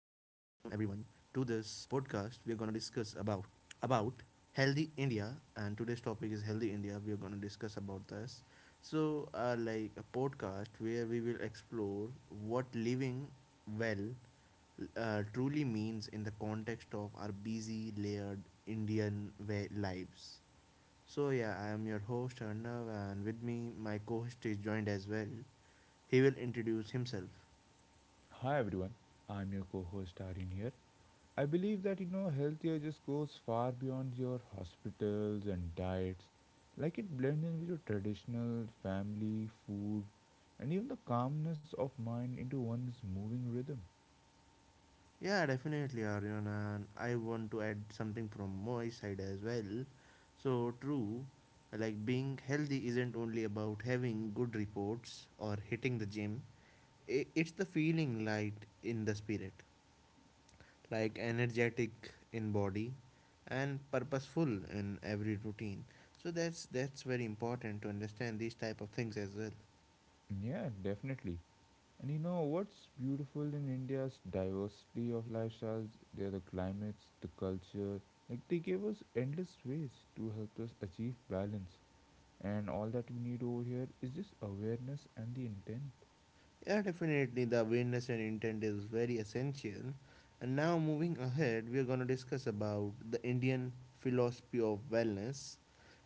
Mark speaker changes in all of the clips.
Speaker 1: podcast. We are going to discuss about healthy India, and today's topic is healthy India. We are going to discuss about this. So, like a podcast where we will explore what living well truly means in the context of our busy, layered Indian way lives. So yeah, I am your host Arnav, and with me my co-host is joined as well. He will introduce himself.
Speaker 2: Hi everyone, I'm your co-host Arin here. I believe that healthier just goes far beyond your hospitals and diets. Like it blends in with your traditional family, food, and even the calmness of mind into one's moving rhythm.
Speaker 1: Yeah, definitely, Aryan, and I want to add something from my side as well. So, true, like being healthy isn't only about having good reports or hitting the gym, it's the feeling light in the spirit, like energetic in body and purposeful in every routine, so that's very important to understand these type of things as well.
Speaker 2: Yeah, definitely. And you know what's beautiful in India's diversity of lifestyles, there are the climates, the culture, like they gave us endless ways to help us achieve balance. And all that we need over here is just awareness and the intent.
Speaker 1: Yeah, definitely. The awareness and intent is very essential. And now, moving ahead, we are going to discuss about the Indian philosophy of wellness.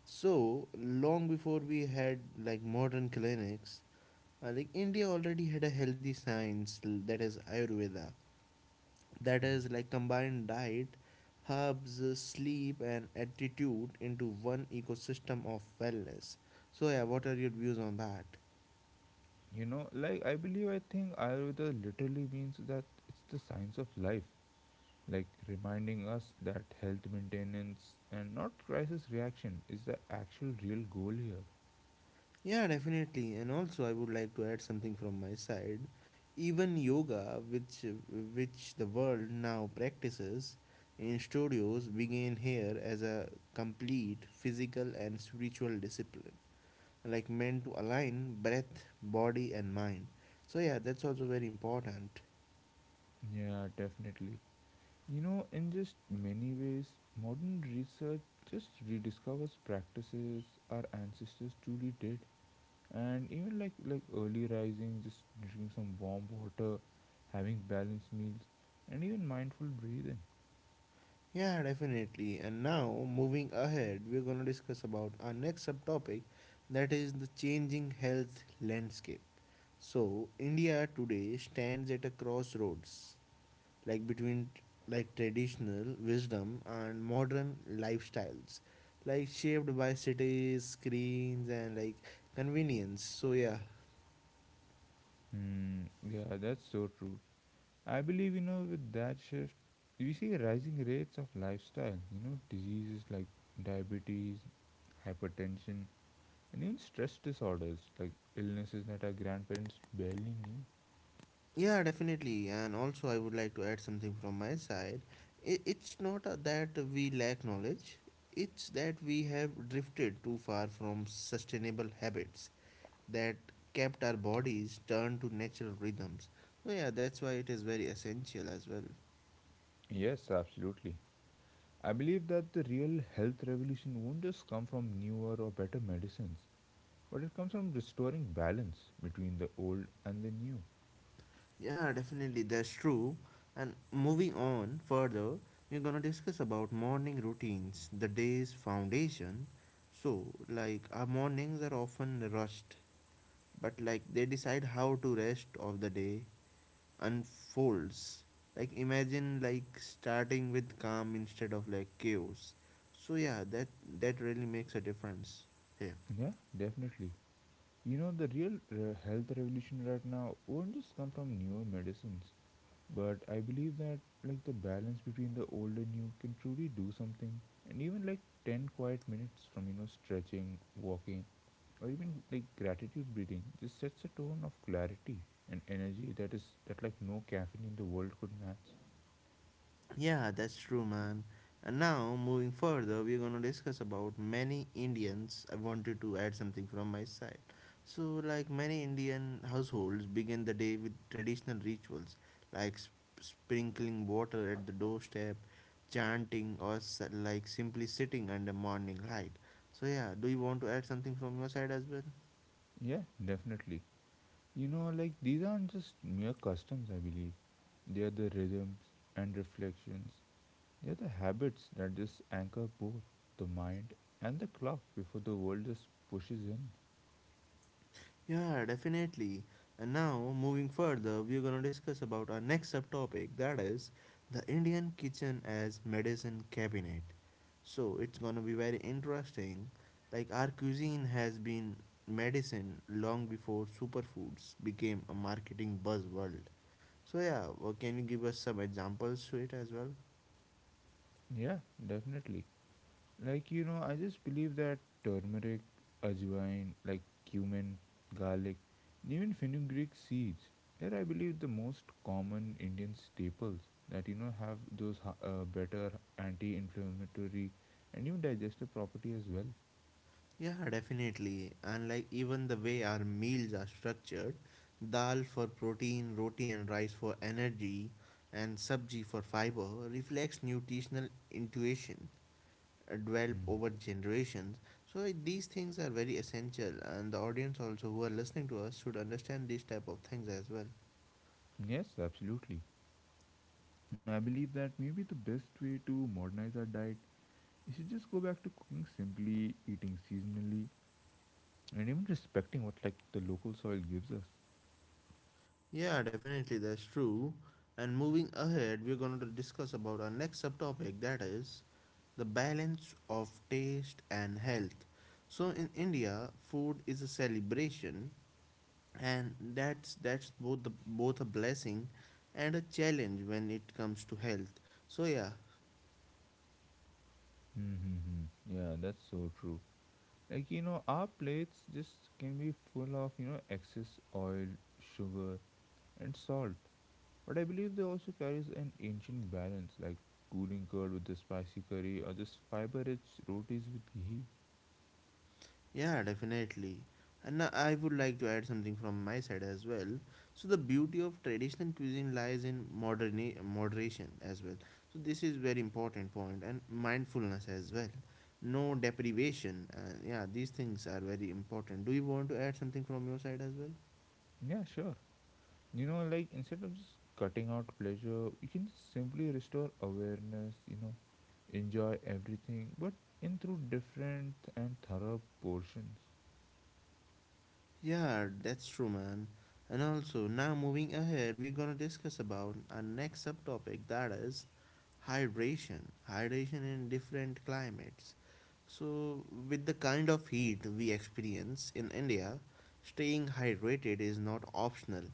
Speaker 1: So, long before we had like modern clinics, like India already had a healthy science that is Ayurveda, that is like combined diet, herbs, sleep, and attitude into one ecosystem of wellness. So, yeah, what are your views on that?
Speaker 2: I think ayurveda literally means that it's the science of life, like reminding us that health maintenance and not crisis reaction is the actual real goal here.
Speaker 1: Yeah, definitely. And also, I would like to add something from my side. Even yoga, which the world now practices in studios, began here as a complete physical and spiritual discipline, like meant to align breath, body, and mind. So yeah, that's also very important.
Speaker 2: Yeah, definitely. In just many ways, modern research just rediscovers practices our ancestors truly did, and even like early rising, just drinking some warm water, having balanced meals, and even mindful breathing.
Speaker 1: Yeah, definitely. And now, moving ahead, we're going to discuss about our next subtopic that is the changing health landscape. So, India today stands at a crossroads, like between like traditional wisdom and modern lifestyles, like shaped by cities, screens, and like convenience. So, yeah.
Speaker 2: Yeah, that's so true. I believe, with that shift, we see rising rates of lifestyle, diseases like diabetes, hypertension, and even stress disorders, like illnesses that our grandparents barely knew.
Speaker 1: Yeah, definitely. And also, I would like to add something from my side. It's not that we lack knowledge, it's that we have drifted too far from sustainable habits that kept our bodies turned to natural rhythms. So, yeah, that's why it is very essential as well.
Speaker 2: Yes, absolutely. I believe that the real health revolution won't just come from newer or better medicines, but it comes from restoring balance between the old and the new.
Speaker 1: Yeah, definitely, that's true. And moving on further, we're gonna discuss about morning routines, the day's foundation. So, like, our mornings are often rushed, but like they decide how to rest of the day unfolds, like imagine like starting with calm instead of like chaos. So yeah, that really makes a difference here.
Speaker 2: Yeah, definitely. You know, the real health revolution right now won't just come from newer medicines, but I believe that like the balance between the old and new can truly do something, and even like 10 quiet minutes from stretching, walking, or even like gratitude breathing just sets a tone of clarity and energy that is that like no caffeine in the world could match.
Speaker 1: Yeah, that's true, man. And now, moving further, we're gonna discuss about many Indians. I wanted to add something from my side. So, like many Indian households begin the day with traditional rituals like sprinkling water at the doorstep, chanting, or like simply sitting under morning light. So, yeah, do you want to add something from your side as well?
Speaker 2: Yeah, definitely. You know, like these aren't just mere customs, I believe. They are the rhythms and reflections. They are the habits that just anchor both the mind and the clock before the world just pushes in.
Speaker 1: Yeah, definitely. And now, moving further, we're gonna discuss about our next subtopic that is the Indian kitchen as medicine cabinet. So, it's gonna be very interesting. Like, our cuisine has been medicine long before superfoods became a marketing buzzword. So, yeah, well, can you give us some examples to it as well?
Speaker 2: Yeah, definitely. Like, you know, I just believe that turmeric, ajwain, like cumin, garlic, and even fenugreek seeds, they're, I believe, the most common Indian staples that, you know, have those better anti inflammatory and even digestive property as well.
Speaker 1: Yeah, definitely. And like even the way our meals are structured, dal for protein, roti and rice for energy, and sabji for fiber reflects nutritional intuition developed
Speaker 2: Mm.
Speaker 1: over generations. So these things are very essential, and the audience also who are listening to us should understand these type of things as well.
Speaker 2: Yes, absolutely. I believe that maybe the best way to modernize our diet is to just go back to cooking simply, eating seasonally, and even respecting what like the local soil gives us.
Speaker 1: Yeah, definitely, that's true. And moving ahead, we're going to discuss about our next subtopic that is the balance of taste and health. So in India, food is a celebration, and that's both the both a blessing and a challenge when it comes to health. So yeah.
Speaker 2: Mm-hmm. Yeah, that's so true. Like, you know, our plates just can be full of, you know, excess oil, sugar, and salt. But I believe they also carries an ancient balance, like cooling curd with the spicy curry or just fiber-rich rotis with ghee.
Speaker 1: Yeah, definitely. And I would like to add something from my side as well. So the beauty of traditional cuisine lies in modern moderation as well. So this is very important point, and mindfulness as well. No deprivation. Yeah, these things are very important. Do you want to add something from your side as well?
Speaker 2: Yeah, sure. You know, like instead of just cutting out pleasure, you can just simply restore awareness, you know, enjoy everything, but in through different and thorough portions.
Speaker 1: Yeah, that's true, man. And also, now moving ahead, we're gonna discuss about our next subtopic that is hydration. Hydration in different climates. So, with the kind of heat we experience in India, staying hydrated is not optional.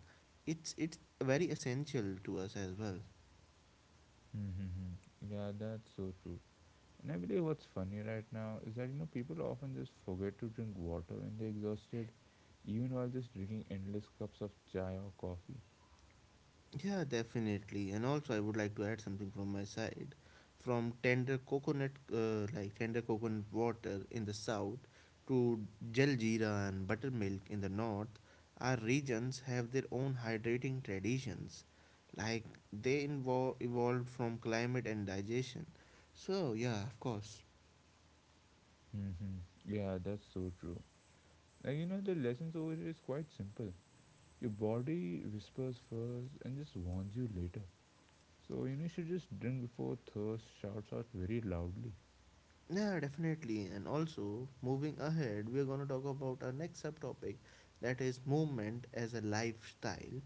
Speaker 1: It's very essential to us as well.
Speaker 2: Mm-hmm. Yeah, that's so true. And I believe what's funny right now is that you know people often just forget to drink water when they're exhausted, even while just drinking endless cups of chai or coffee.
Speaker 1: Yeah, definitely. And also, I would like to add something from my side. From tender coconut, like tender coconut water in the south to jaljeera and buttermilk in the north, our regions have their own hydrating traditions. Like they evolved from climate and digestion. So, yeah, of course.
Speaker 2: hmm Yeah, that's so true. And you know the lessons over here is quite simple. Your body whispers first and just warns you later. So you know you should just drink before thirst shouts out very loudly.
Speaker 1: Yeah, definitely. And also, moving ahead, we're going to talk about our next subtopic that is movement as a lifestyle.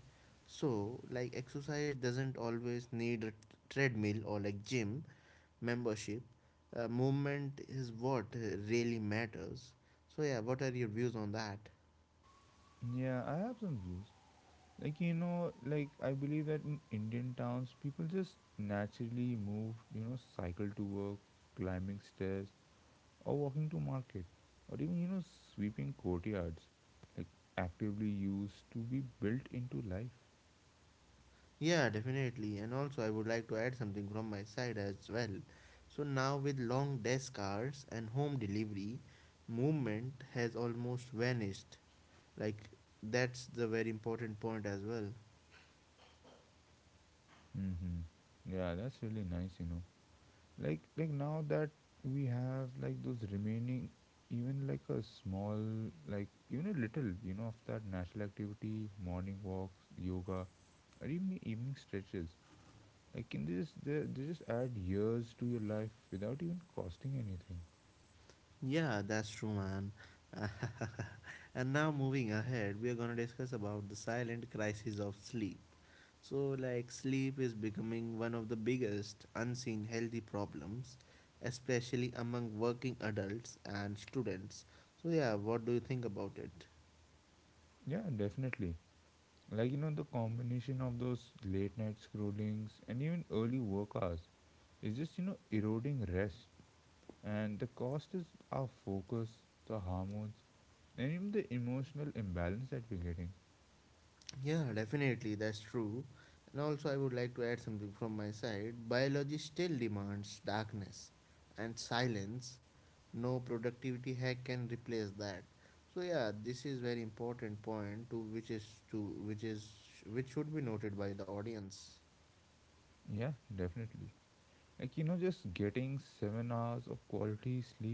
Speaker 1: So, like, exercise doesn't always need a treadmill or like gym membership. Movement is what really matters. So, yeah, what are your views on that?
Speaker 2: Yeah, I have some views. I believe that in indian towns people just naturally move, cycle to work, climbing stairs, or walking to market, or even, sweeping courtyards, like actively used to be built into life.
Speaker 1: Yeah, definitely. And also, I would like to add something from my side as well. So, now with long desk hours and home delivery, movement has almost vanished. Like that's the very important point as well.
Speaker 2: Mm-hmm. Yeah, that's really nice, you know, like now that we have like those remaining, even like a small, like even a little, of that natural activity, morning walks, yoga, or even evening stretches. Like in this, they just add years to your life without even costing anything.
Speaker 1: Yeah, that's true, man. And now moving ahead, we are going to discuss about the silent crisis of sleep. So like sleep is becoming one of the biggest unseen healthy problems, especially among working adults and students. So yeah, what do you think about it?
Speaker 2: Yeah, definitely. Like you know, the combination of those late night scrollings and even early work hours is just you know eroding rest, and the cost is our focus, the hormones, and even the emotional imbalance that we're getting.
Speaker 1: Yeah, definitely, that's true. And also, I would like to add something from my side. Biology still demands darkness and silence. No productivity hack can replace that. So yeah, this is very important point to which is which should be noted by the audience.
Speaker 2: Yeah, definitely. Like you know, just getting 7 hours of quality sleep,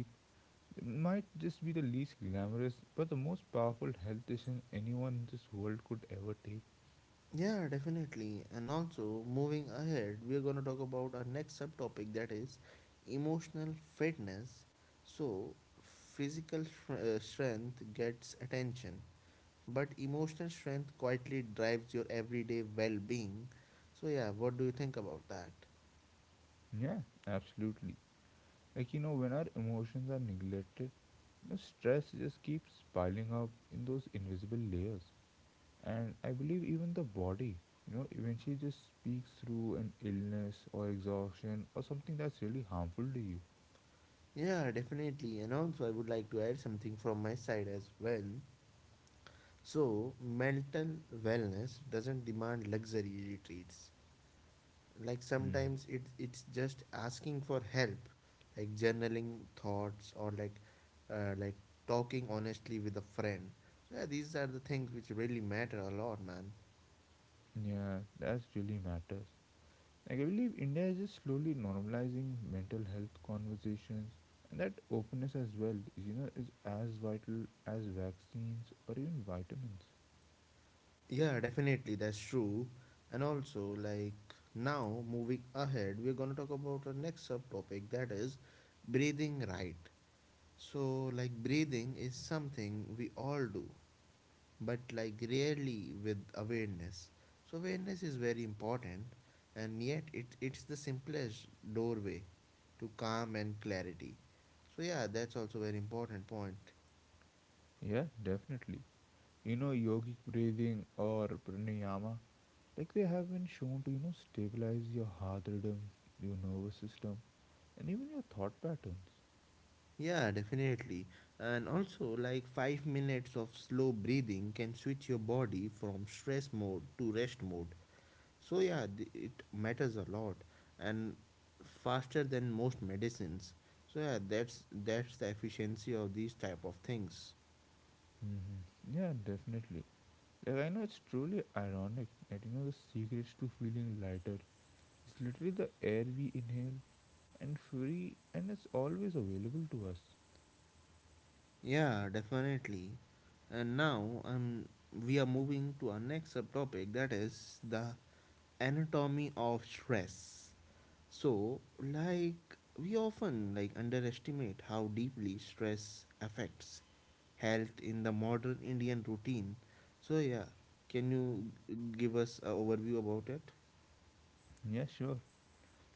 Speaker 2: it might just be the least glamorous, but the most powerful health decision anyone in this world could ever take.
Speaker 1: Yeah, definitely. And also, moving ahead, we are going to talk about our next subtopic that is emotional fitness. So, physical strength gets attention, but emotional strength quietly drives your everyday well-being. So yeah, what do you think about that?
Speaker 2: Yeah, absolutely. Like, you know, when our emotions are neglected, the stress just keeps piling up in those invisible layers. And I believe even the body, you know, eventually just speaks through an illness or exhaustion or something that's really harmful to you.
Speaker 1: Yeah, definitely. And also, I would like to add something from my side as well. So mental wellness doesn't demand luxury retreats. Like
Speaker 2: Hmm.
Speaker 1: sometimes it's just asking for help, like journaling thoughts, or like talking honestly with a friend. So yeah, these are the things which really matter a lot, man.
Speaker 2: Yeah, that's really matters. Like I believe India is just slowly normalizing mental health conversations, and that openness as well is you know is as vital as vaccines or even vitamins.
Speaker 1: Yeah, definitely, that's true. And also, like now, moving ahead, we're gonna talk about our next subtopic that is breathing right. So, like, breathing is something we all do, but like rarely with awareness. So, awareness is very important, and yet it's the simplest doorway to calm and clarity. So, yeah, that's also very important point.
Speaker 2: Yeah, definitely. You know, yogic breathing or pranayama, like they have been shown to you know stabilize your heart rhythm, your nervous system, and even your thought patterns.
Speaker 1: Yeah, definitely. And also, like 5 minutes of slow breathing can switch your body from stress mode to rest mode. So, yeah, it matters a lot and faster than most medicines. So, yeah, that's the efficiency of these type of things.
Speaker 2: Mm-hmm. Yeah, definitely. Like I know it's truly ironic that you know the secrets to feeling lighter is literally the air we inhale and free and it's always available to us.
Speaker 1: Yeah, definitely. And now we are moving to our next subtopic that is the anatomy of stress. So, like we often like underestimate how deeply stress affects health in the modern Indian routine. So, yeah, can you give us an overview about it?
Speaker 2: Yeah, sure.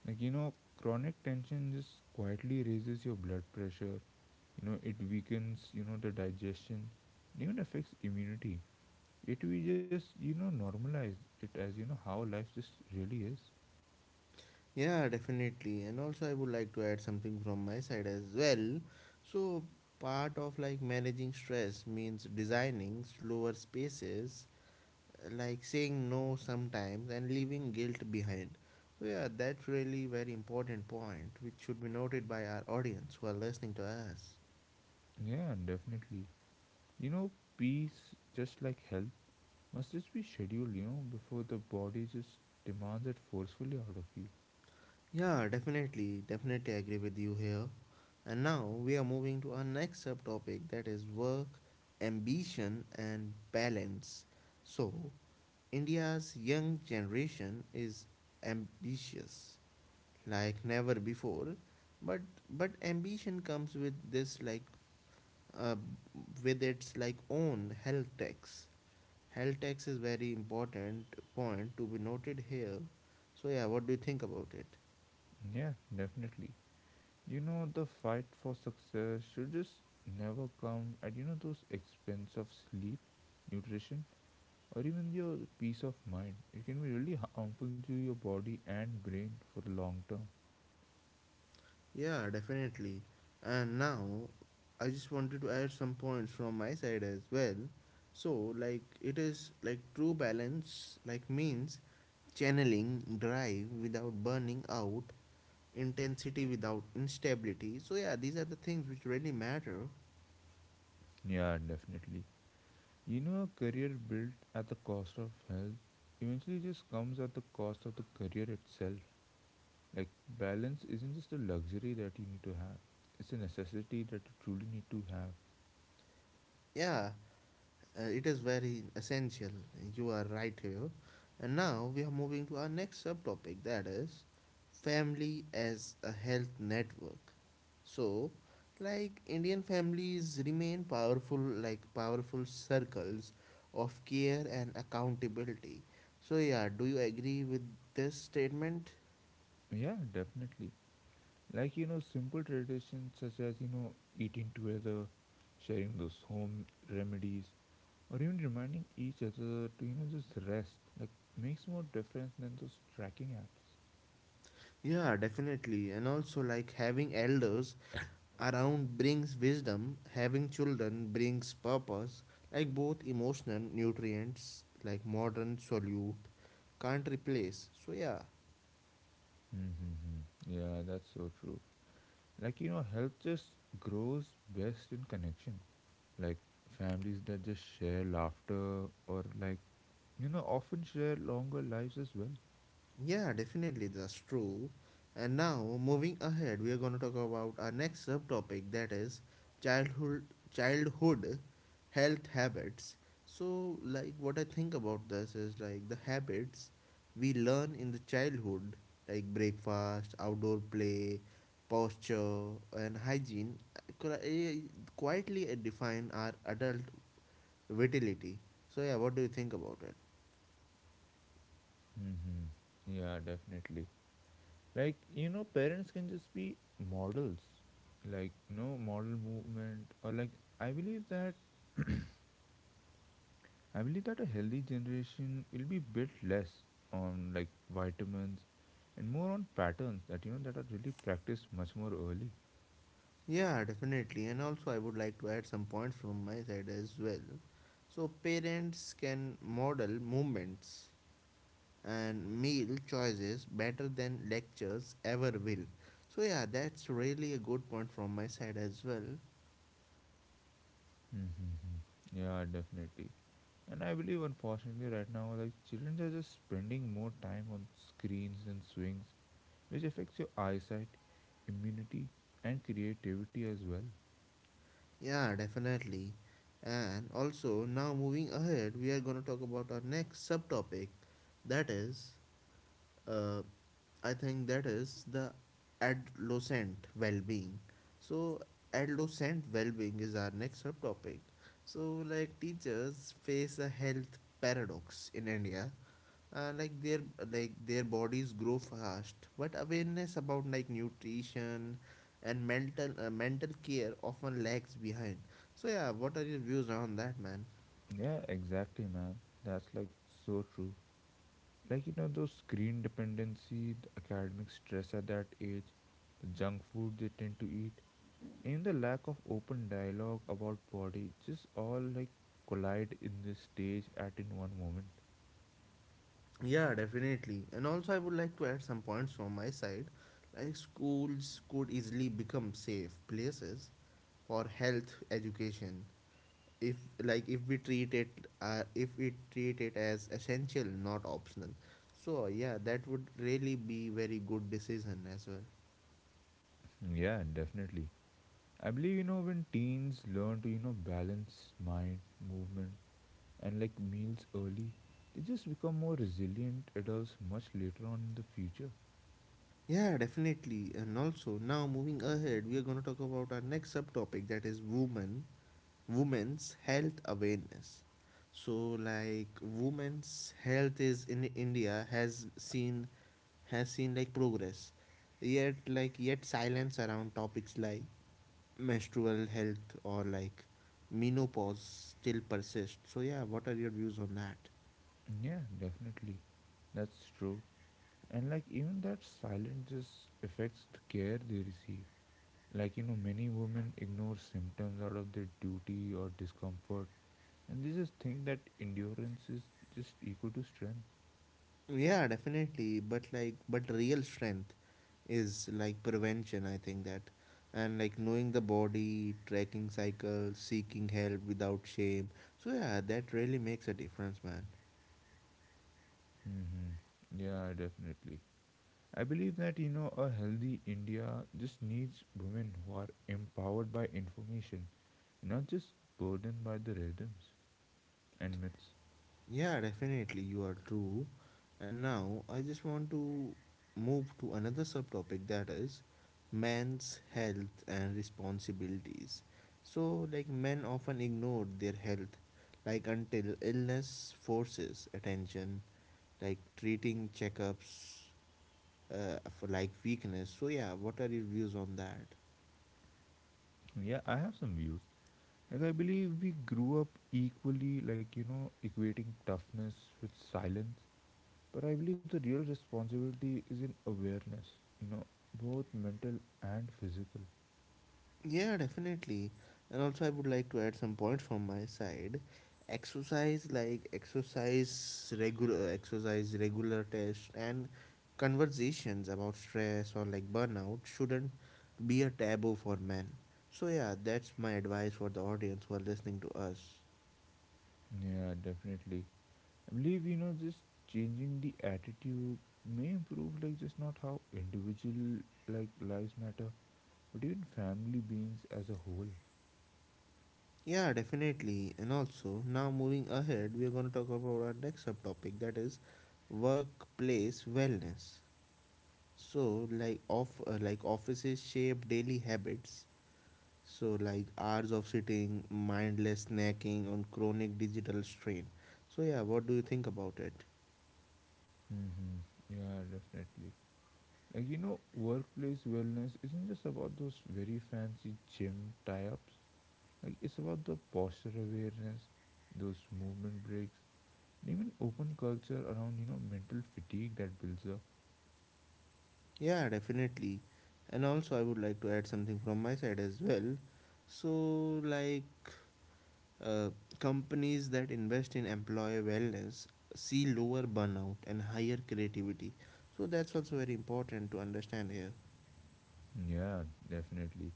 Speaker 2: Like, you know, chronic tension just quietly raises your blood pressure, you know, it weakens, you know, the digestion, it even affects immunity. It we just, you know, normalize it as, you know, how life just really is.
Speaker 1: Yeah, definitely. And also I would like to add something from my side as well. So, part of like managing stress means designing slower spaces, like saying no sometimes and leaving guilt behind. So yeah, that's really very important point which should be noted by our audience who are listening to us.
Speaker 2: Yeah, definitely. You know, peace, just like health, must just be scheduled, you know, before the body just demands it forcefully out of you.
Speaker 1: Yeah, definitely, definitely agree with you here. And now we are moving to our next subtopic that is work, ambition and balance. So, India's young generation is ambitious like never before, but ambition comes with this like uh, with its like own health tax. Health tax is very important point to be noted here. So yeah, what do you think about it?
Speaker 2: Yeah, definitely. You know, the fight for success should just never come at those expense of sleep, nutrition, or even your peace of mind. It can be really harmful to your body and brain for the long term.
Speaker 1: Yeah, definitely. And now I just wanted to add some points from my side as well. So like it is like true balance like means channeling drive without burning out, intensity without instability. So yeah, these are the things which really matter.
Speaker 2: Yeah, definitely. You know, a career built at the cost of health eventually just comes at the cost of the career itself. Like balance isn't just a luxury that you need to have; it's a necessity that you truly need to have.
Speaker 1: Yeah, it is very essential. You are right here. And now we are moving to our next subtopic that is family as a health network. So, like Indian families remain powerful circles of care and accountability. So, yeah, do you agree with this statement?
Speaker 2: Yeah, definitely. Like you know simple traditions such as eating together, sharing those home remedies, or even reminding each other to just rest, like makes more difference than those tracking apps.
Speaker 1: Yeah, definitely. And also, like having elders around brings wisdom, having children brings purpose, like both emotional nutrients like modern solute can't replace. So yeah.
Speaker 2: Mm-hmm. Yeah, that's so true. Like you know, health just grows best in connection. Like families that just share laughter or like often share longer lives as well.
Speaker 1: Yeah, definitely, that's true. And now, moving ahead, we are going to talk about our next subtopic that is childhood childhood health habits. So, like what I think about this is like the habits we learn in the childhood, like breakfast, outdoor play, posture, and hygiene, could, quietly define our adult vitality. So, yeah, what do you think about it?
Speaker 2: Mm-hmm. Yeah, definitely. Like you know parents can just be models, like no model movement, or like i believe that i believe that a healthy generation will be built less on like vitamins and more on patterns that that are really practiced much more early.
Speaker 1: Yeah, definitely. And also, I would like to add some points from my side as well. So, parents can model movements and meal choices better than lectures ever will. So, yeah, that's really a good point from my side as well.
Speaker 2: Mm-hmm. Yeah, definitely. And I believe unfortunately right now like children are just spending more time on screens and swings, which affects your eyesight, immunity, and creativity as well.
Speaker 1: Yeah, definitely. And also, now moving ahead, we are going to talk about our next subtopic that is uh, I think that is the adolescent well-being. So adolescent well-being is our next subtopic. So like teachers face a health paradox in India. Like their like their bodies grow fast, but awareness about like nutrition and mental mental care often lags behind. So yeah, what are your views on that, man?
Speaker 2: Yeah, exactly, man. That's like so true. Like, you know, those screen dependency, the academic stress at that age, the junk food they tend to eat, and the lack of open dialogue about body just all like collide in this stage at in one moment.
Speaker 1: Yeah, definitely. And also, I would like to add some points from my side. Like, schools could easily become safe places for health education if, like, if we treat it, if we treat it as essential, not optional. So, yeah, that would really be very good decision as well.
Speaker 2: Mm, yeah, definitely. I believe, you know, when teens learn to, you know, balance mind, movement, and like meals early, they just become more resilient adults much later on in the future.
Speaker 1: Yeah, definitely. And also, now moving ahead, we are going to talk about our next subtopic that is women's health awareness. So, like women's health is in India has seen like progress, yet like yet silence around topics like menstrual health or like menopause still persists. So yeah, what are your views on that?
Speaker 2: Yeah, definitely. That's true. And like even that silence just affects the care they receive. Like you know, many women ignore symptoms out of their duty or discomfort, and they just think that endurance is just equal to strength.
Speaker 1: Yeah, definitely. But like, but real strength is like prevention, I think that. And like knowing the body, tracking cycles, seeking help without shame. So yeah, that really makes a difference, man.
Speaker 2: Mm-hmm. Yeah, definitely. I believe that you know a healthy India just needs women who are empowered by information, not just burdened by the rhythms and myths.
Speaker 1: Yeah, definitely. You are true. And now I just want to move to another subtopic that is men's health and responsibilities. So like men often ignore their health like until illness forces attention like treating checkups for like weakness. So yeah, what are your views on that?
Speaker 2: Yeah, I have some views. Like I believe we grew up equally, like you know, equating toughness with silence. But I believe the real responsibility is in awareness, you know, both mental and physical.
Speaker 1: Yeah, definitely. And also, I would like to add some points from my side. Exercise, like exercise regular test, and conversations about stress or like burnout shouldn't be a taboo for men. So yeah, that's my advice for the audience who are listening to us.
Speaker 2: Yeah, definitely. I believe just changing the attitude may improve, like just not how individual like lives matter, but even family beings as a whole.
Speaker 1: Yeah, definitely. And also, now moving ahead, we are going to talk about our next subtopic that is workplace wellness. So, like off like offices shape daily habits. So, like hours of sitting, mindless snacking on chronic digital strain. So, yeah, what do you think about it?
Speaker 2: Mm-hmm. Yeah, definitely. Like, you know, workplace wellness isn't just about those very fancy gym tie ups. Like, it's about the posture awareness, those movement breaks, and even open culture around, you know, mental fatigue that builds up.
Speaker 1: Yeah, definitely. And also, I would like to add something from my side as well. So, like Uh, companies that invest in employee wellness see lower burnout and higher creativity. So that's also very important to understand here.
Speaker 2: Yeah, definitely.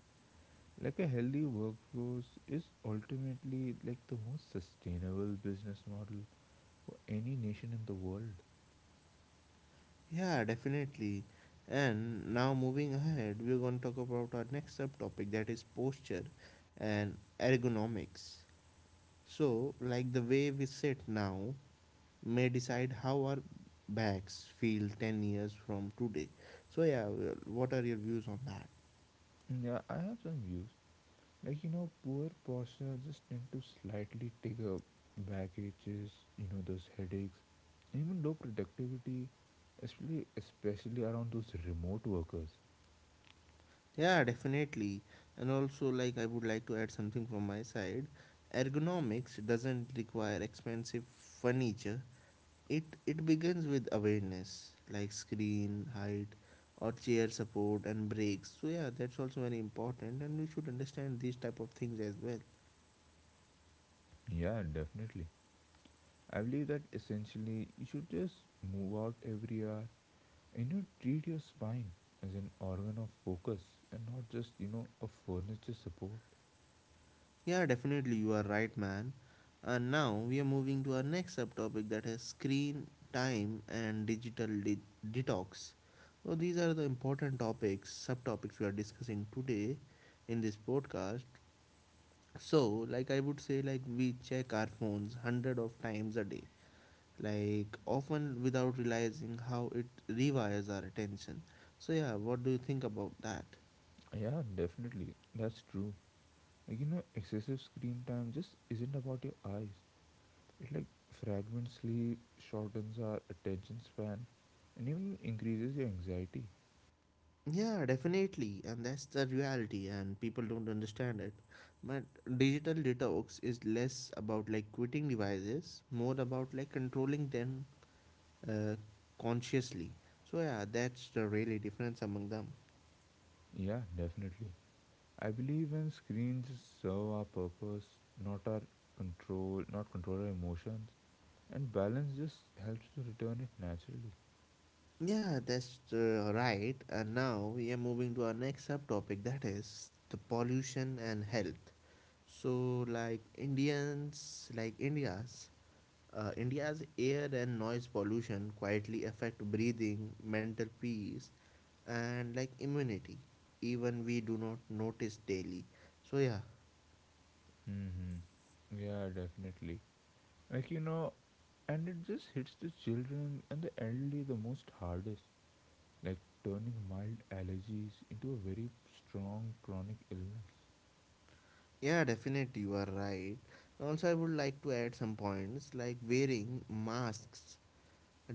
Speaker 2: Like, a healthy workforce is ultimately like the most sustainable business model for any nation in the world.
Speaker 1: Yeah, definitely. And now moving ahead, we're going to talk about our next subtopic that is posture and ergonomics. So, like the way we sit now may decide how our backs feel 10 years from today. So, yeah, well, what are your views on that?
Speaker 2: Yeah, I have some views. Like, you know, poor posture just tend to slightly trigger back aches, you know, those headaches, and even low productivity, especially around those remote workers.
Speaker 1: Yeah, definitely. And also, like, I would like to add something from my side. Ergonomics doesn't require expensive furniture. It begins with awareness, like screen height or chair support and breaks. So yeah, that's also very important, and we should understand these type of things as well.
Speaker 2: Yeah, definitely. I believe that essentially you should just move out every hour and you treat your spine as an organ of focus and not just, you know, a furniture support.
Speaker 1: Yeah, definitely, you are right, man. And now we are moving to our next subtopic that is screen time and digital detox. So, these are the important topics, subtopics we are discussing today in this podcast. So, like I would say, like we check our phones hundred of times a day, like often without realizing how it rewires our attention. So, yeah, what do you think about that?
Speaker 2: Yeah, definitely. That's true. Like, you know, excessive screen time just isn't about your eyes. It like fragmently shortens our attention span and even increases your anxiety.
Speaker 1: Yeah, definitely, and that's the reality, and people don't understand it. But digital detox is less about like quitting devices, more about like controlling them uh, consciously. So yeah, that's the really difference among them.
Speaker 2: Yeah, definitely. I believe when screens serve our purpose, not our control, not control our emotions, and balance just helps to return it naturally.
Speaker 1: Yeah, that's right. And now we are moving to our next subtopic, that is the pollution and health. So like Indians, like India's India's air and noise pollution quietly affect breathing, mental peace, and like immunity. Even we do not notice daily. So yeah,
Speaker 2: Mm-hmm. Yeah, definitely. Like you know, and it just hits the children and the elderly the most hardest, like turning mild allergies into a very strong chronic illness.
Speaker 1: yeah, definitely you are right. Also, I would like to add some points like wearing masks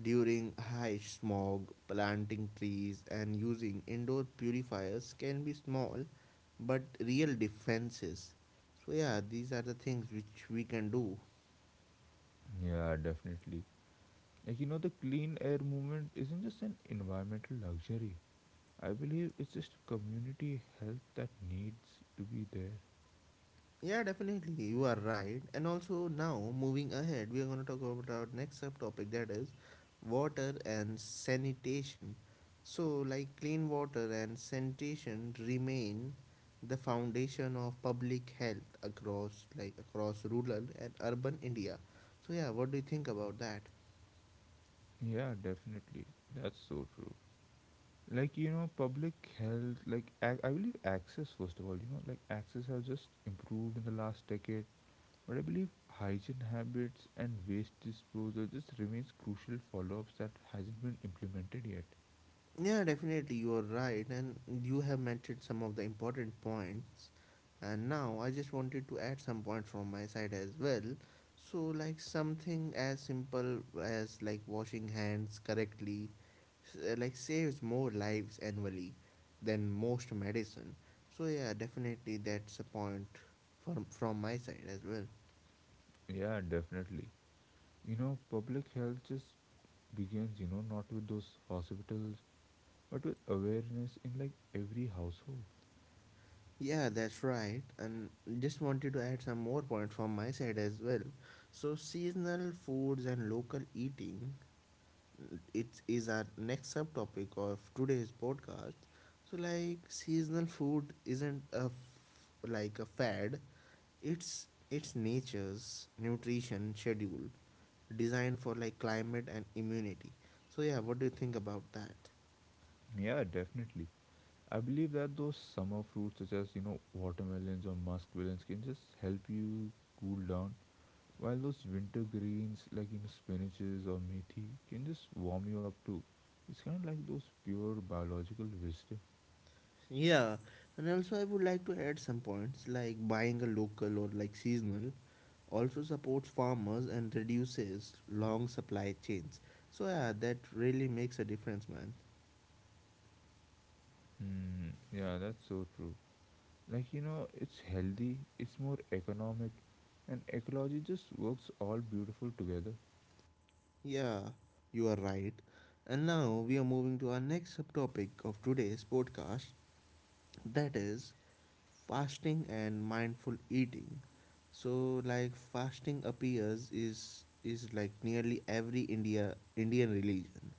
Speaker 1: during high smog, planting trees, and using indoor purifiers can be small but real defenses. So yeah, these are the things which we can do.
Speaker 2: Yeah, definitely. Like, you know, the clean air movement isn't just an environmental luxury. I believe it's just community health that needs to be there.
Speaker 1: Yeah, definitely. You are right. And also, now moving ahead, we are going to talk about our next subtopic that is water and sanitation. So, like clean water and sanitation remain the foundation of public health across like across rural and urban India. So, yeah, what do you think about that?
Speaker 2: Yeah, definitely. That's so true. Like, you know, public health, like, I believe access, first of all, you know, like, access has just improved in the last decade. But I believe hygiene habits and waste disposal just remains crucial follow-ups that hasn't been implemented yet.
Speaker 1: Yeah, definitely, you are right, and you have mentioned some of the important points. And now I just wanted to add some points from my side as well. So, like something as simple as like washing hands correctly, like saves more lives annually than most medicine. So yeah, definitely that's a point from my side as well.
Speaker 2: Yeah, definitely. You know, public health just begins, you know, not with those hospitals, but with awareness in like every household.
Speaker 1: Yeah, that's right. And just wanted to add some more points from my side as well. So, seasonal foods and local eating, it is our next subtopic of today's podcast. So, like seasonal food isn't like a fad. It's nature's nutrition schedule designed for like climate and immunity. So, yeah, what do you think about that?
Speaker 2: Yeah, definitely. I believe that those summer fruits, such as, you know, watermelons or muskmelons can just help you cool down, while those winter greens, like, you know, spinaches or methi, can just warm you up too. It's kind of like those pure biological wisdom.
Speaker 1: Yeah, and also I would like to add some points like buying a local or like seasonal also supports farmers and reduces long supply chains. So, yeah, that really makes a difference, man.
Speaker 2: Hmm, yeah, that's so true. Like, you know, it's healthy, it's more economic, and ecology just works all beautiful together.
Speaker 1: Yeah, you are right. And now we are moving to our next subtopic of today's podcast that is fasting and mindful eating. So, like, fasting appears is like nearly every Indian religion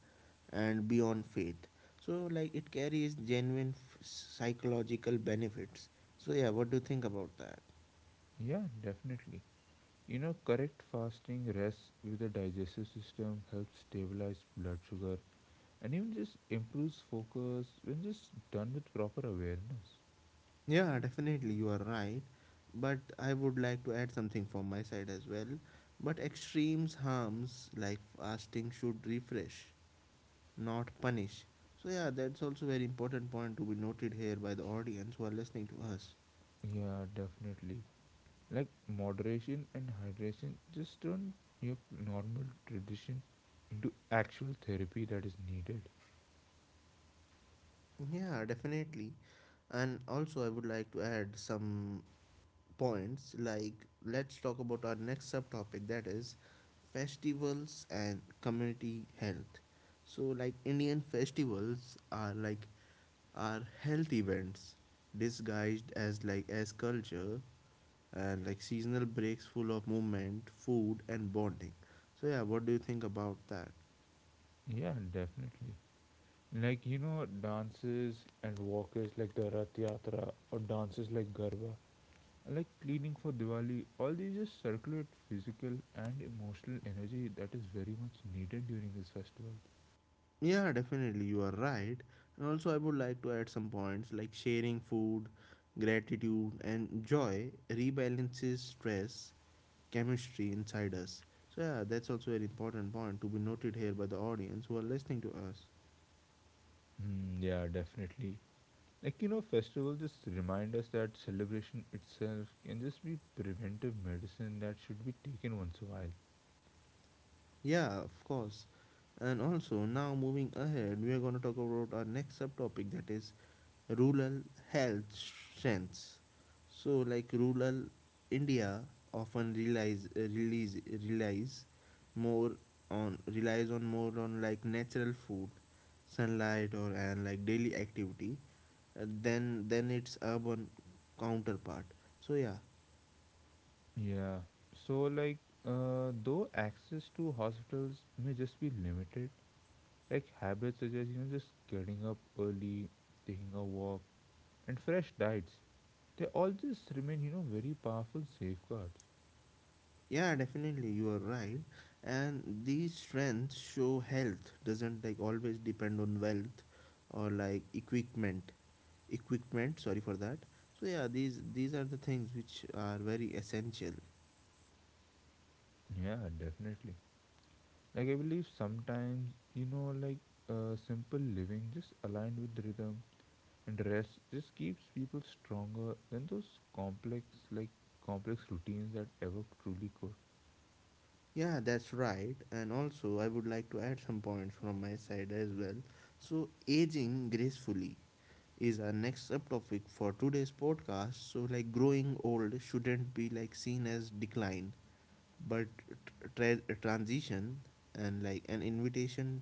Speaker 1: and beyond faith. So, like, it carries genuine psychological benefits. So, yeah, what do you think about that?
Speaker 2: Yeah, definitely. You know, correct fasting rests with the digestive system, helps stabilize blood sugar, and even just improves focus when just done with proper awareness.
Speaker 1: Yeah, definitely, you are right. But I would like to add something from my side as well. But extremes harms like fasting should refresh, not punish. So, yeah, that's also very important point to be noted here by the audience who are listening to us.
Speaker 2: Yeah, definitely. Like moderation and hydration just turn your normal tradition into actual therapy that is needed.
Speaker 1: Yeah, definitely. And also, I would like to add some points like let's talk about our next subtopic that is festivals and community health. So like Indian festivals are like are health events disguised as like as culture, and like seasonal breaks full of movement, food and bonding. So yeah, what do you think about that?
Speaker 2: Yeah, definitely. Like you know, dances and walkers like the Rath Yatra or dances like Garba, like cleaning for Diwali, all these just circulate physical and emotional energy that is very much needed during this festival.
Speaker 1: Yeah, definitely, you are right. And also I would like to add some points like sharing food, gratitude and joy rebalances stress chemistry inside us. So, yeah, that's also an important point to be noted here by the audience who are listening to us.
Speaker 2: Mm, yeah, definitely. Like, you know, festivals just remind us that celebration itself can just be preventive medicine that should be taken once a while.
Speaker 1: Yeah, of course. And also, now moving ahead, we are going to talk about our next subtopic that is rural health strengths. So, like rural India often relies more on relies on more on like natural food, sunlight or and like daily activity than its urban counterpart. So yeah,
Speaker 2: Yeah. So, like, though access to hospitals may just be limited, like habits such as, you know, just getting up early, taking a walk, and fresh diets, they all just remain, you know, very powerful safeguards.
Speaker 1: yeah, definitely you are right. And these strengths show health doesn't like always depend on wealth or like equipment. Equipment, sorry for that. So yeah, these are the things which are very essential.
Speaker 2: Yeah, definitely. Like, I believe sometimes, you know, like simple living just aligned with rhythm and rest just keeps people stronger than those like complex routines that ever truly could.
Speaker 1: Yeah, that's right. And also, I would like to add some points from my side as well. So, aging gracefully is our next subtopic for today's podcast. So, like growing old shouldn't be like seen as decline, but transition and like an invitation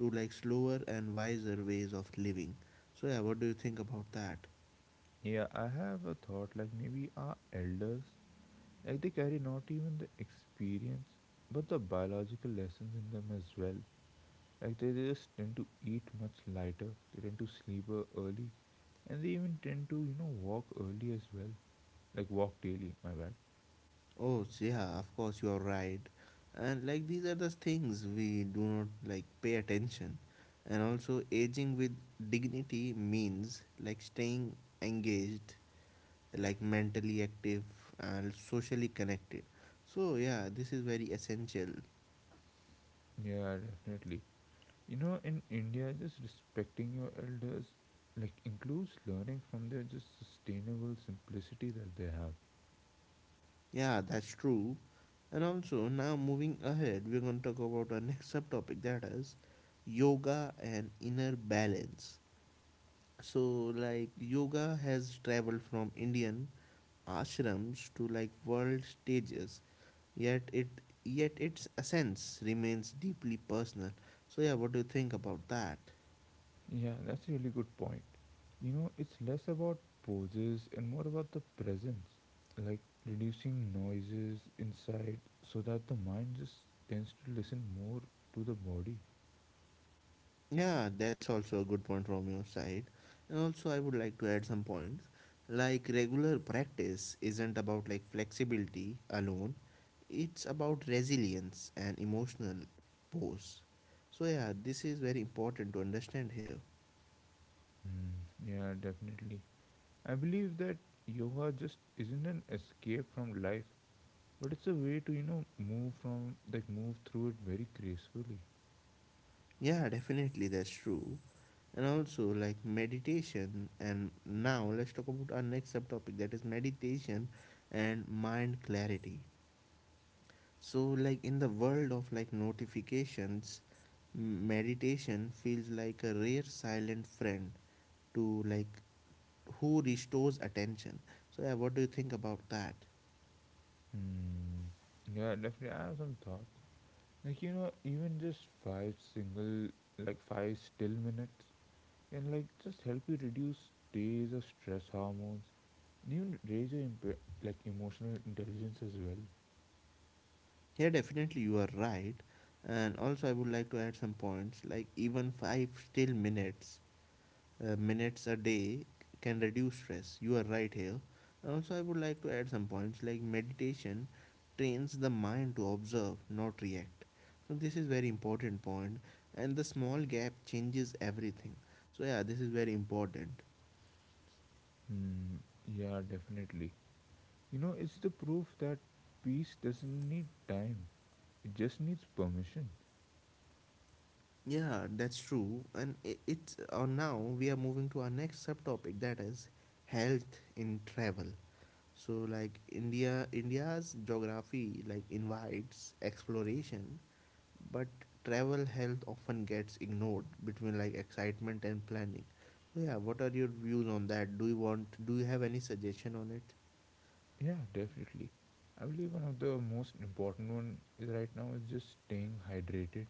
Speaker 1: to like slower and wiser ways of living. So, yeah, what do you think about that?
Speaker 2: Yeah, I have a thought, like maybe our elders, like they carry not even the experience, but the biological lessons in them as well. Like they just tend to eat much lighter, they tend to sleep early, and they even tend to, you know, walk early as well. Like walk daily, my bad.
Speaker 1: Oh, so yeah, of course you are right. And like these are the things we do not like pay attention. And also, aging with dignity means like staying engaged, like mentally active and socially connected. So, yeah, this is very essential.
Speaker 2: Yeah, definitely. You know, in India, just respecting your elders like includes learning from their just sustainable simplicity that they have.
Speaker 1: Yeah, that's true. And also, now moving ahead, we're going to talk about our next subtopic that is yoga and inner balance. So, like, yoga has traveled from Indian ashrams to like world stages, yet it yet its essence remains deeply personal. So, yeah, what do you think about that?
Speaker 2: Yeah, that's a really good point. You know, it's less about poses and more about the presence, like reducing noises inside so that the mind just tends to listen more to the body.
Speaker 1: Yeah, that's also a good point from your side. And also, I would like to add some points. Like, regular practice isn't about like flexibility alone, it's about resilience and emotional pose. So, yeah, this is very important to understand here.
Speaker 2: Mm, yeah, definitely. I believe that yoga just isn't an escape from life, but it's a way to, you know, move through it very gracefully.
Speaker 1: Yeah, definitely, that's true. And also, like meditation, and now let's talk about our next subtopic that is meditation and mind clarity. So like in the world of like notifications, meditation feels like a rare silent friend to like who restores attention. So yeah, what do you think about that?
Speaker 2: Hmm. Yeah, definitely. I have some thoughts. Like you know, even just 5 still minutes can like just help you reduce days of stress hormones, and even raise your emotional intelligence as well.
Speaker 1: Here definitely you are right. And also I would like to add some points like even 5 still minutes minutes a day can reduce stress. You are right here. And also, I would like to add some points like meditation trains the mind to observe, not react. So this is very important point, and the small gap changes everything. So yeah, this is very important.
Speaker 2: Hmm. Yeah, definitely. You know, it's the proof that peace doesn't need time; it just needs permission.
Speaker 1: Yeah, that's true. And it's now we are moving to our next subtopic, that is health in travel. So like India's geography like invites exploration but travel health often gets ignored between like excitement and planning. So yeah, what are your views on that? Do you have any suggestion on it?
Speaker 2: Yeah, definitely. I believe one of the most important one is right now is just staying hydrated,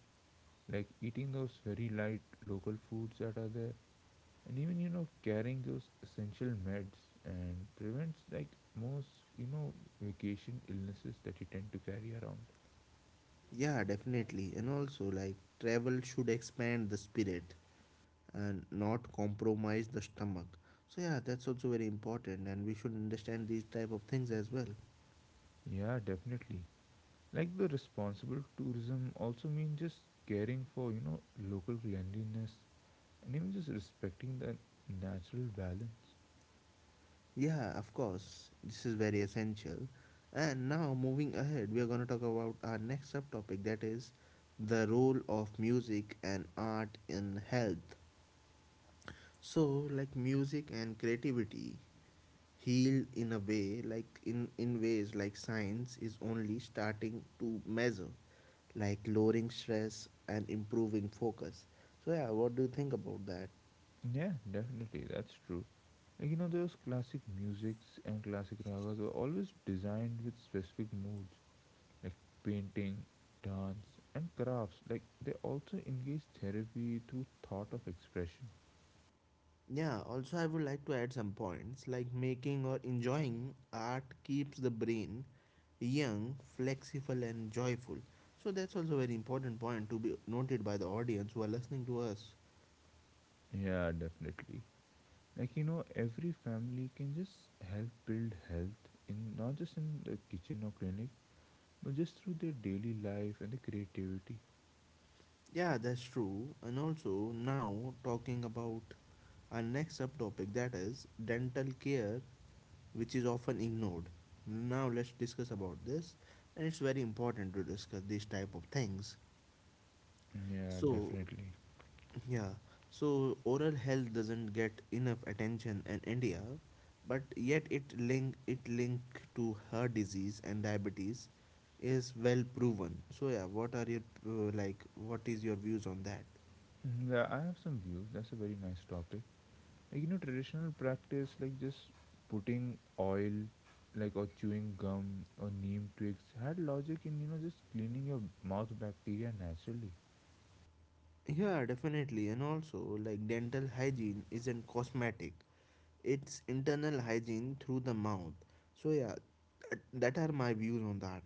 Speaker 2: like eating those very light local foods that are there, and even you know carrying those essential meds and prevents like most, you know, vacation illnesses that you tend to carry around.
Speaker 1: Yeah, definitely. And also like travel should expand the spirit and not compromise the stomach. So yeah, that's also very important and we should understand these type of things as well.
Speaker 2: Yeah, definitely. Like the responsible tourism also means just caring for, you know, local cleanliness, and even just respecting the natural balance.
Speaker 1: Yeah, of course. This is very essential. And now, moving ahead, we are going to talk about our next subtopic, that is the role of music and art in health. So, like music and creativity heal in a way, like in ways like science is only starting to measure, like lowering stress and improving focus. So, yeah, what do you think about that?
Speaker 2: Yeah, definitely, that's true. Like you know, those classic musics and classic ragas were always designed with specific moods, like painting, dance, and crafts. Like they also engage therapy through thought of expression.
Speaker 1: Yeah, also I would like to add some points, like making or enjoying art keeps the brain young, flexible and joyful. So that's also a very important point to be noted by the audience who are listening to us.
Speaker 2: Yeah, definitely. Like you know, every family can just help build health in not just in the kitchen or clinic, but just through their daily life and the creativity.
Speaker 1: Yeah, that's true. And also now talking about our next subtopic, that is dental care, which is often ignored. Now let's discuss about this, and it's very important to discuss these type of things.
Speaker 2: Yeah,
Speaker 1: So
Speaker 2: definitely.
Speaker 1: yeah, so oral health doesn't get enough attention in India, but yet it link to heart disease and diabetes is well proven. So yeah, what are your like what is your views on that?
Speaker 2: Mm, yeah, I have some views. That's a very nice topic. Like, you know, traditional practice, like just putting oil, like, or chewing gum or neem twigs, had logic in, you know, just cleaning your mouth bacteria naturally.
Speaker 1: Yeah, definitely. And also like dental hygiene isn't cosmetic. It's internal hygiene through the mouth. So yeah, that are my views on that.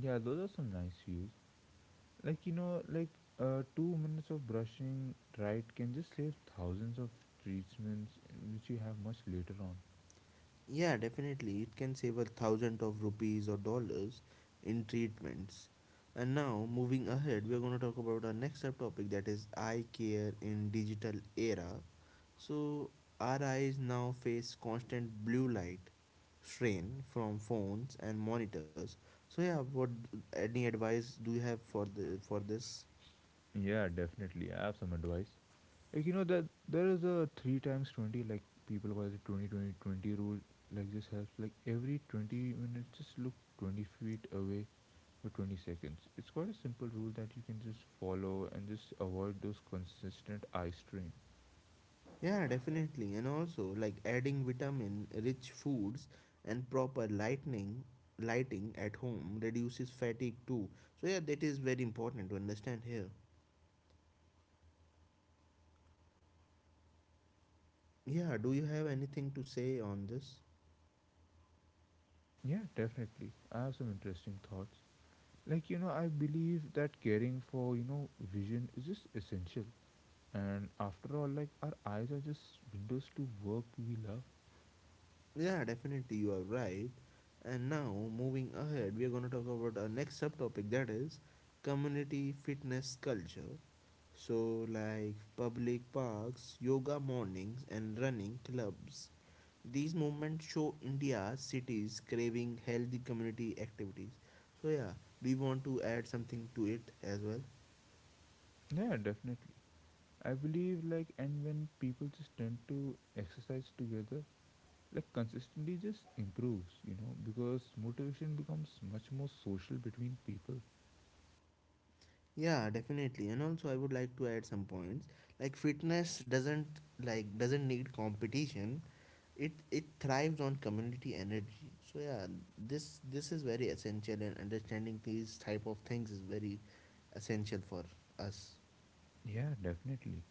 Speaker 2: Yeah, those are some nice views. Like, you know, like, 2 minutes of brushing right can just save thousands of treatments which you have much later on.
Speaker 1: Yeah, definitely. It can save a thousand of rupees or dollars in treatments. And now, moving ahead, we are going to talk about our next subtopic, that is eye care in digital era. So, our eyes now face constant blue light strain from phones and monitors. So, yeah, what any advice do you have for the for this?
Speaker 2: Yeah, definitely. I have some advice. Like you know that there is a three times 20, like people call it the 20-20-20 rule. Like this helps like every 20 minutes just look 20 feet away for 20 seconds. It's quite a simple rule that you can just follow and just avoid those consistent eye strain.
Speaker 1: Yeah, definitely. And also like adding vitamin rich foods and proper lightning lighting at home reduces fatigue too. So yeah, that is very important to understand here. Yeah, do you have anything to say on this?
Speaker 2: Yeah, definitely. I have some interesting thoughts. Like you know, I believe that caring for, you know, vision is just essential. And after all, like our eyes are just windows to work we love.
Speaker 1: Yeah, definitely you are right. And now moving ahead, we are going to talk about our next subtopic, that is community fitness culture. So like public parks, yoga mornings and running clubs, these movements show India's cities craving healthy community activities. So yeah, do you want to add something to it as well?
Speaker 2: Yeah, definitely. I believe like, and when people just tend to exercise together, like consistently just improves, you know, because motivation becomes much more social between people.
Speaker 1: Yeah, definitely. And also I would like to add some points. Like fitness doesn't like doesn't need competition. It thrives on community energy. So yeah, this is very essential, and understanding these type of things is very essential for us.
Speaker 2: Yeah, definitely.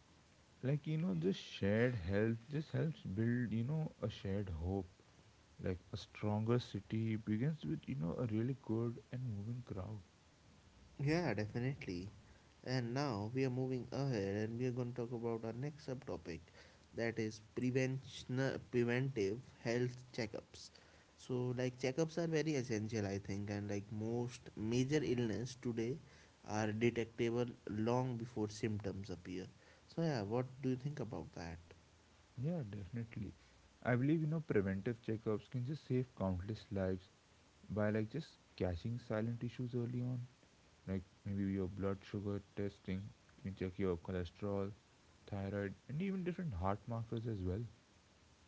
Speaker 2: Like, you know, just shared health just helps build, you know, a shared hope. Like a stronger city begins with, you know, a really good and moving crowd.
Speaker 1: Yeah, definitely. And now we are moving ahead and we are going to talk about our next subtopic, that is prevention preventive health checkups. So like checkups are very essential I think, and like most major illness today are detectable long before symptoms appear. So yeah, what do you think about that?
Speaker 2: Yeah, definitely. I believe, you know, preventive checkups can just save countless lives by like just catching silent issues early on. Like maybe your blood sugar testing, you can check your cholesterol, thyroid, and even different heart markers as well.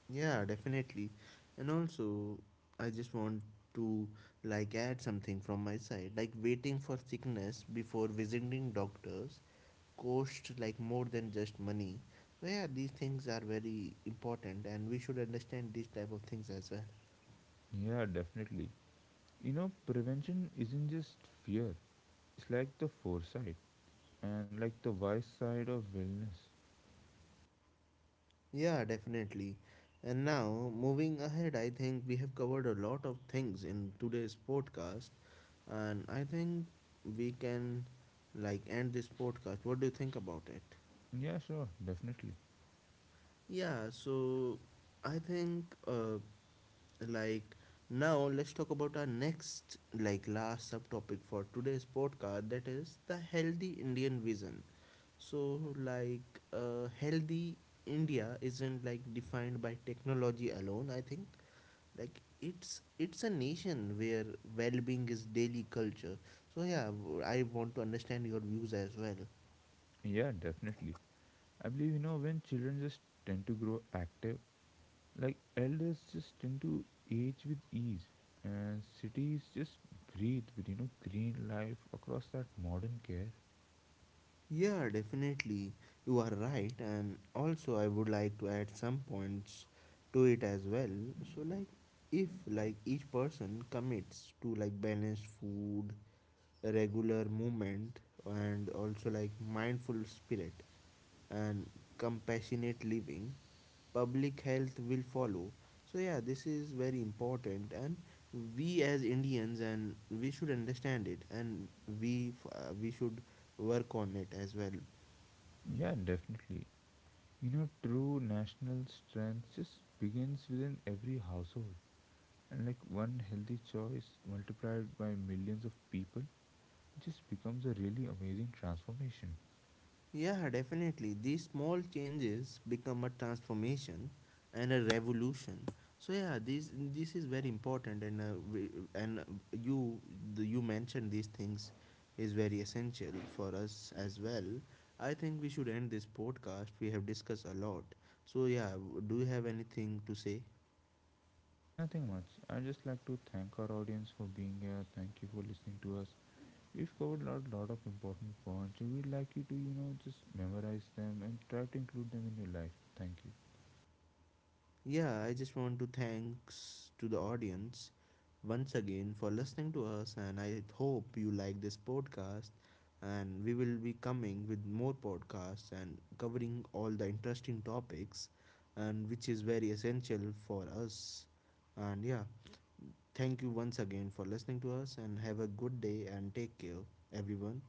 Speaker 1: Yeah, definitely. And also, I just want to like add something from my side. Like waiting for sickness before visiting doctors cost like more than just money. So yeah, these things are very important and we should understand these type of things as well.
Speaker 2: Yeah definitely, you know, prevention isn't just fear, it's like the foresight and like the wise side of wellness.
Speaker 1: Yeah, definitely. And now moving ahead, I think we have covered a lot of things in today's podcast and I think we can like end this podcast. What do you think about it?
Speaker 2: Yeah, sure, definitely.
Speaker 1: Yeah, so I think like now let's talk about our next like last subtopic for today's podcast, that is the healthy Indian vision. So like healthy India isn't like defined by technology alone, I think. Like it's a nation where well-being is daily culture. So yeah, I want to understand your views as well.
Speaker 2: Yeah, definitely, I believe, you know, when children just tend to grow active, like elders just tend to age with ease, and cities just breathe with, you know, green life across that modern care.
Speaker 1: Yeah, definitely. You are right. And also, I would like to add some points to it as well. So, like, if like each person commits to like balanced food, regular movement, and also like mindful spirit and compassionate living, public health will follow. So, yeah, this is very important. And we as Indians, and we should understand it, and we should work on it as well.
Speaker 2: Yeah, definitely. You know, true national strength just begins within every household. And like one healthy choice multiplied by millions of people just becomes a really amazing transformation.
Speaker 1: Yeah, definitely. These small changes become a transformation and a revolution. So yeah, this is very important, and you the, you mentioned these things is very essential for us as well. I think we should end this podcast. We have discussed a lot. So yeah, do you have anything to say?
Speaker 2: Nothing much. I just like to thank our audience for being here. Thank you for listening to us. We've covered a lot of important points, and we'd like you to, you know, just memorize them and try to include them in your life. Thank you.
Speaker 1: Yeah, I just want to thanks to the audience once again for listening to us and I hope you like this podcast and we will be coming with more podcasts and covering all the interesting topics and which is very essential for us. And yeah, thank you once again for listening to us and have a good day and take care everyone.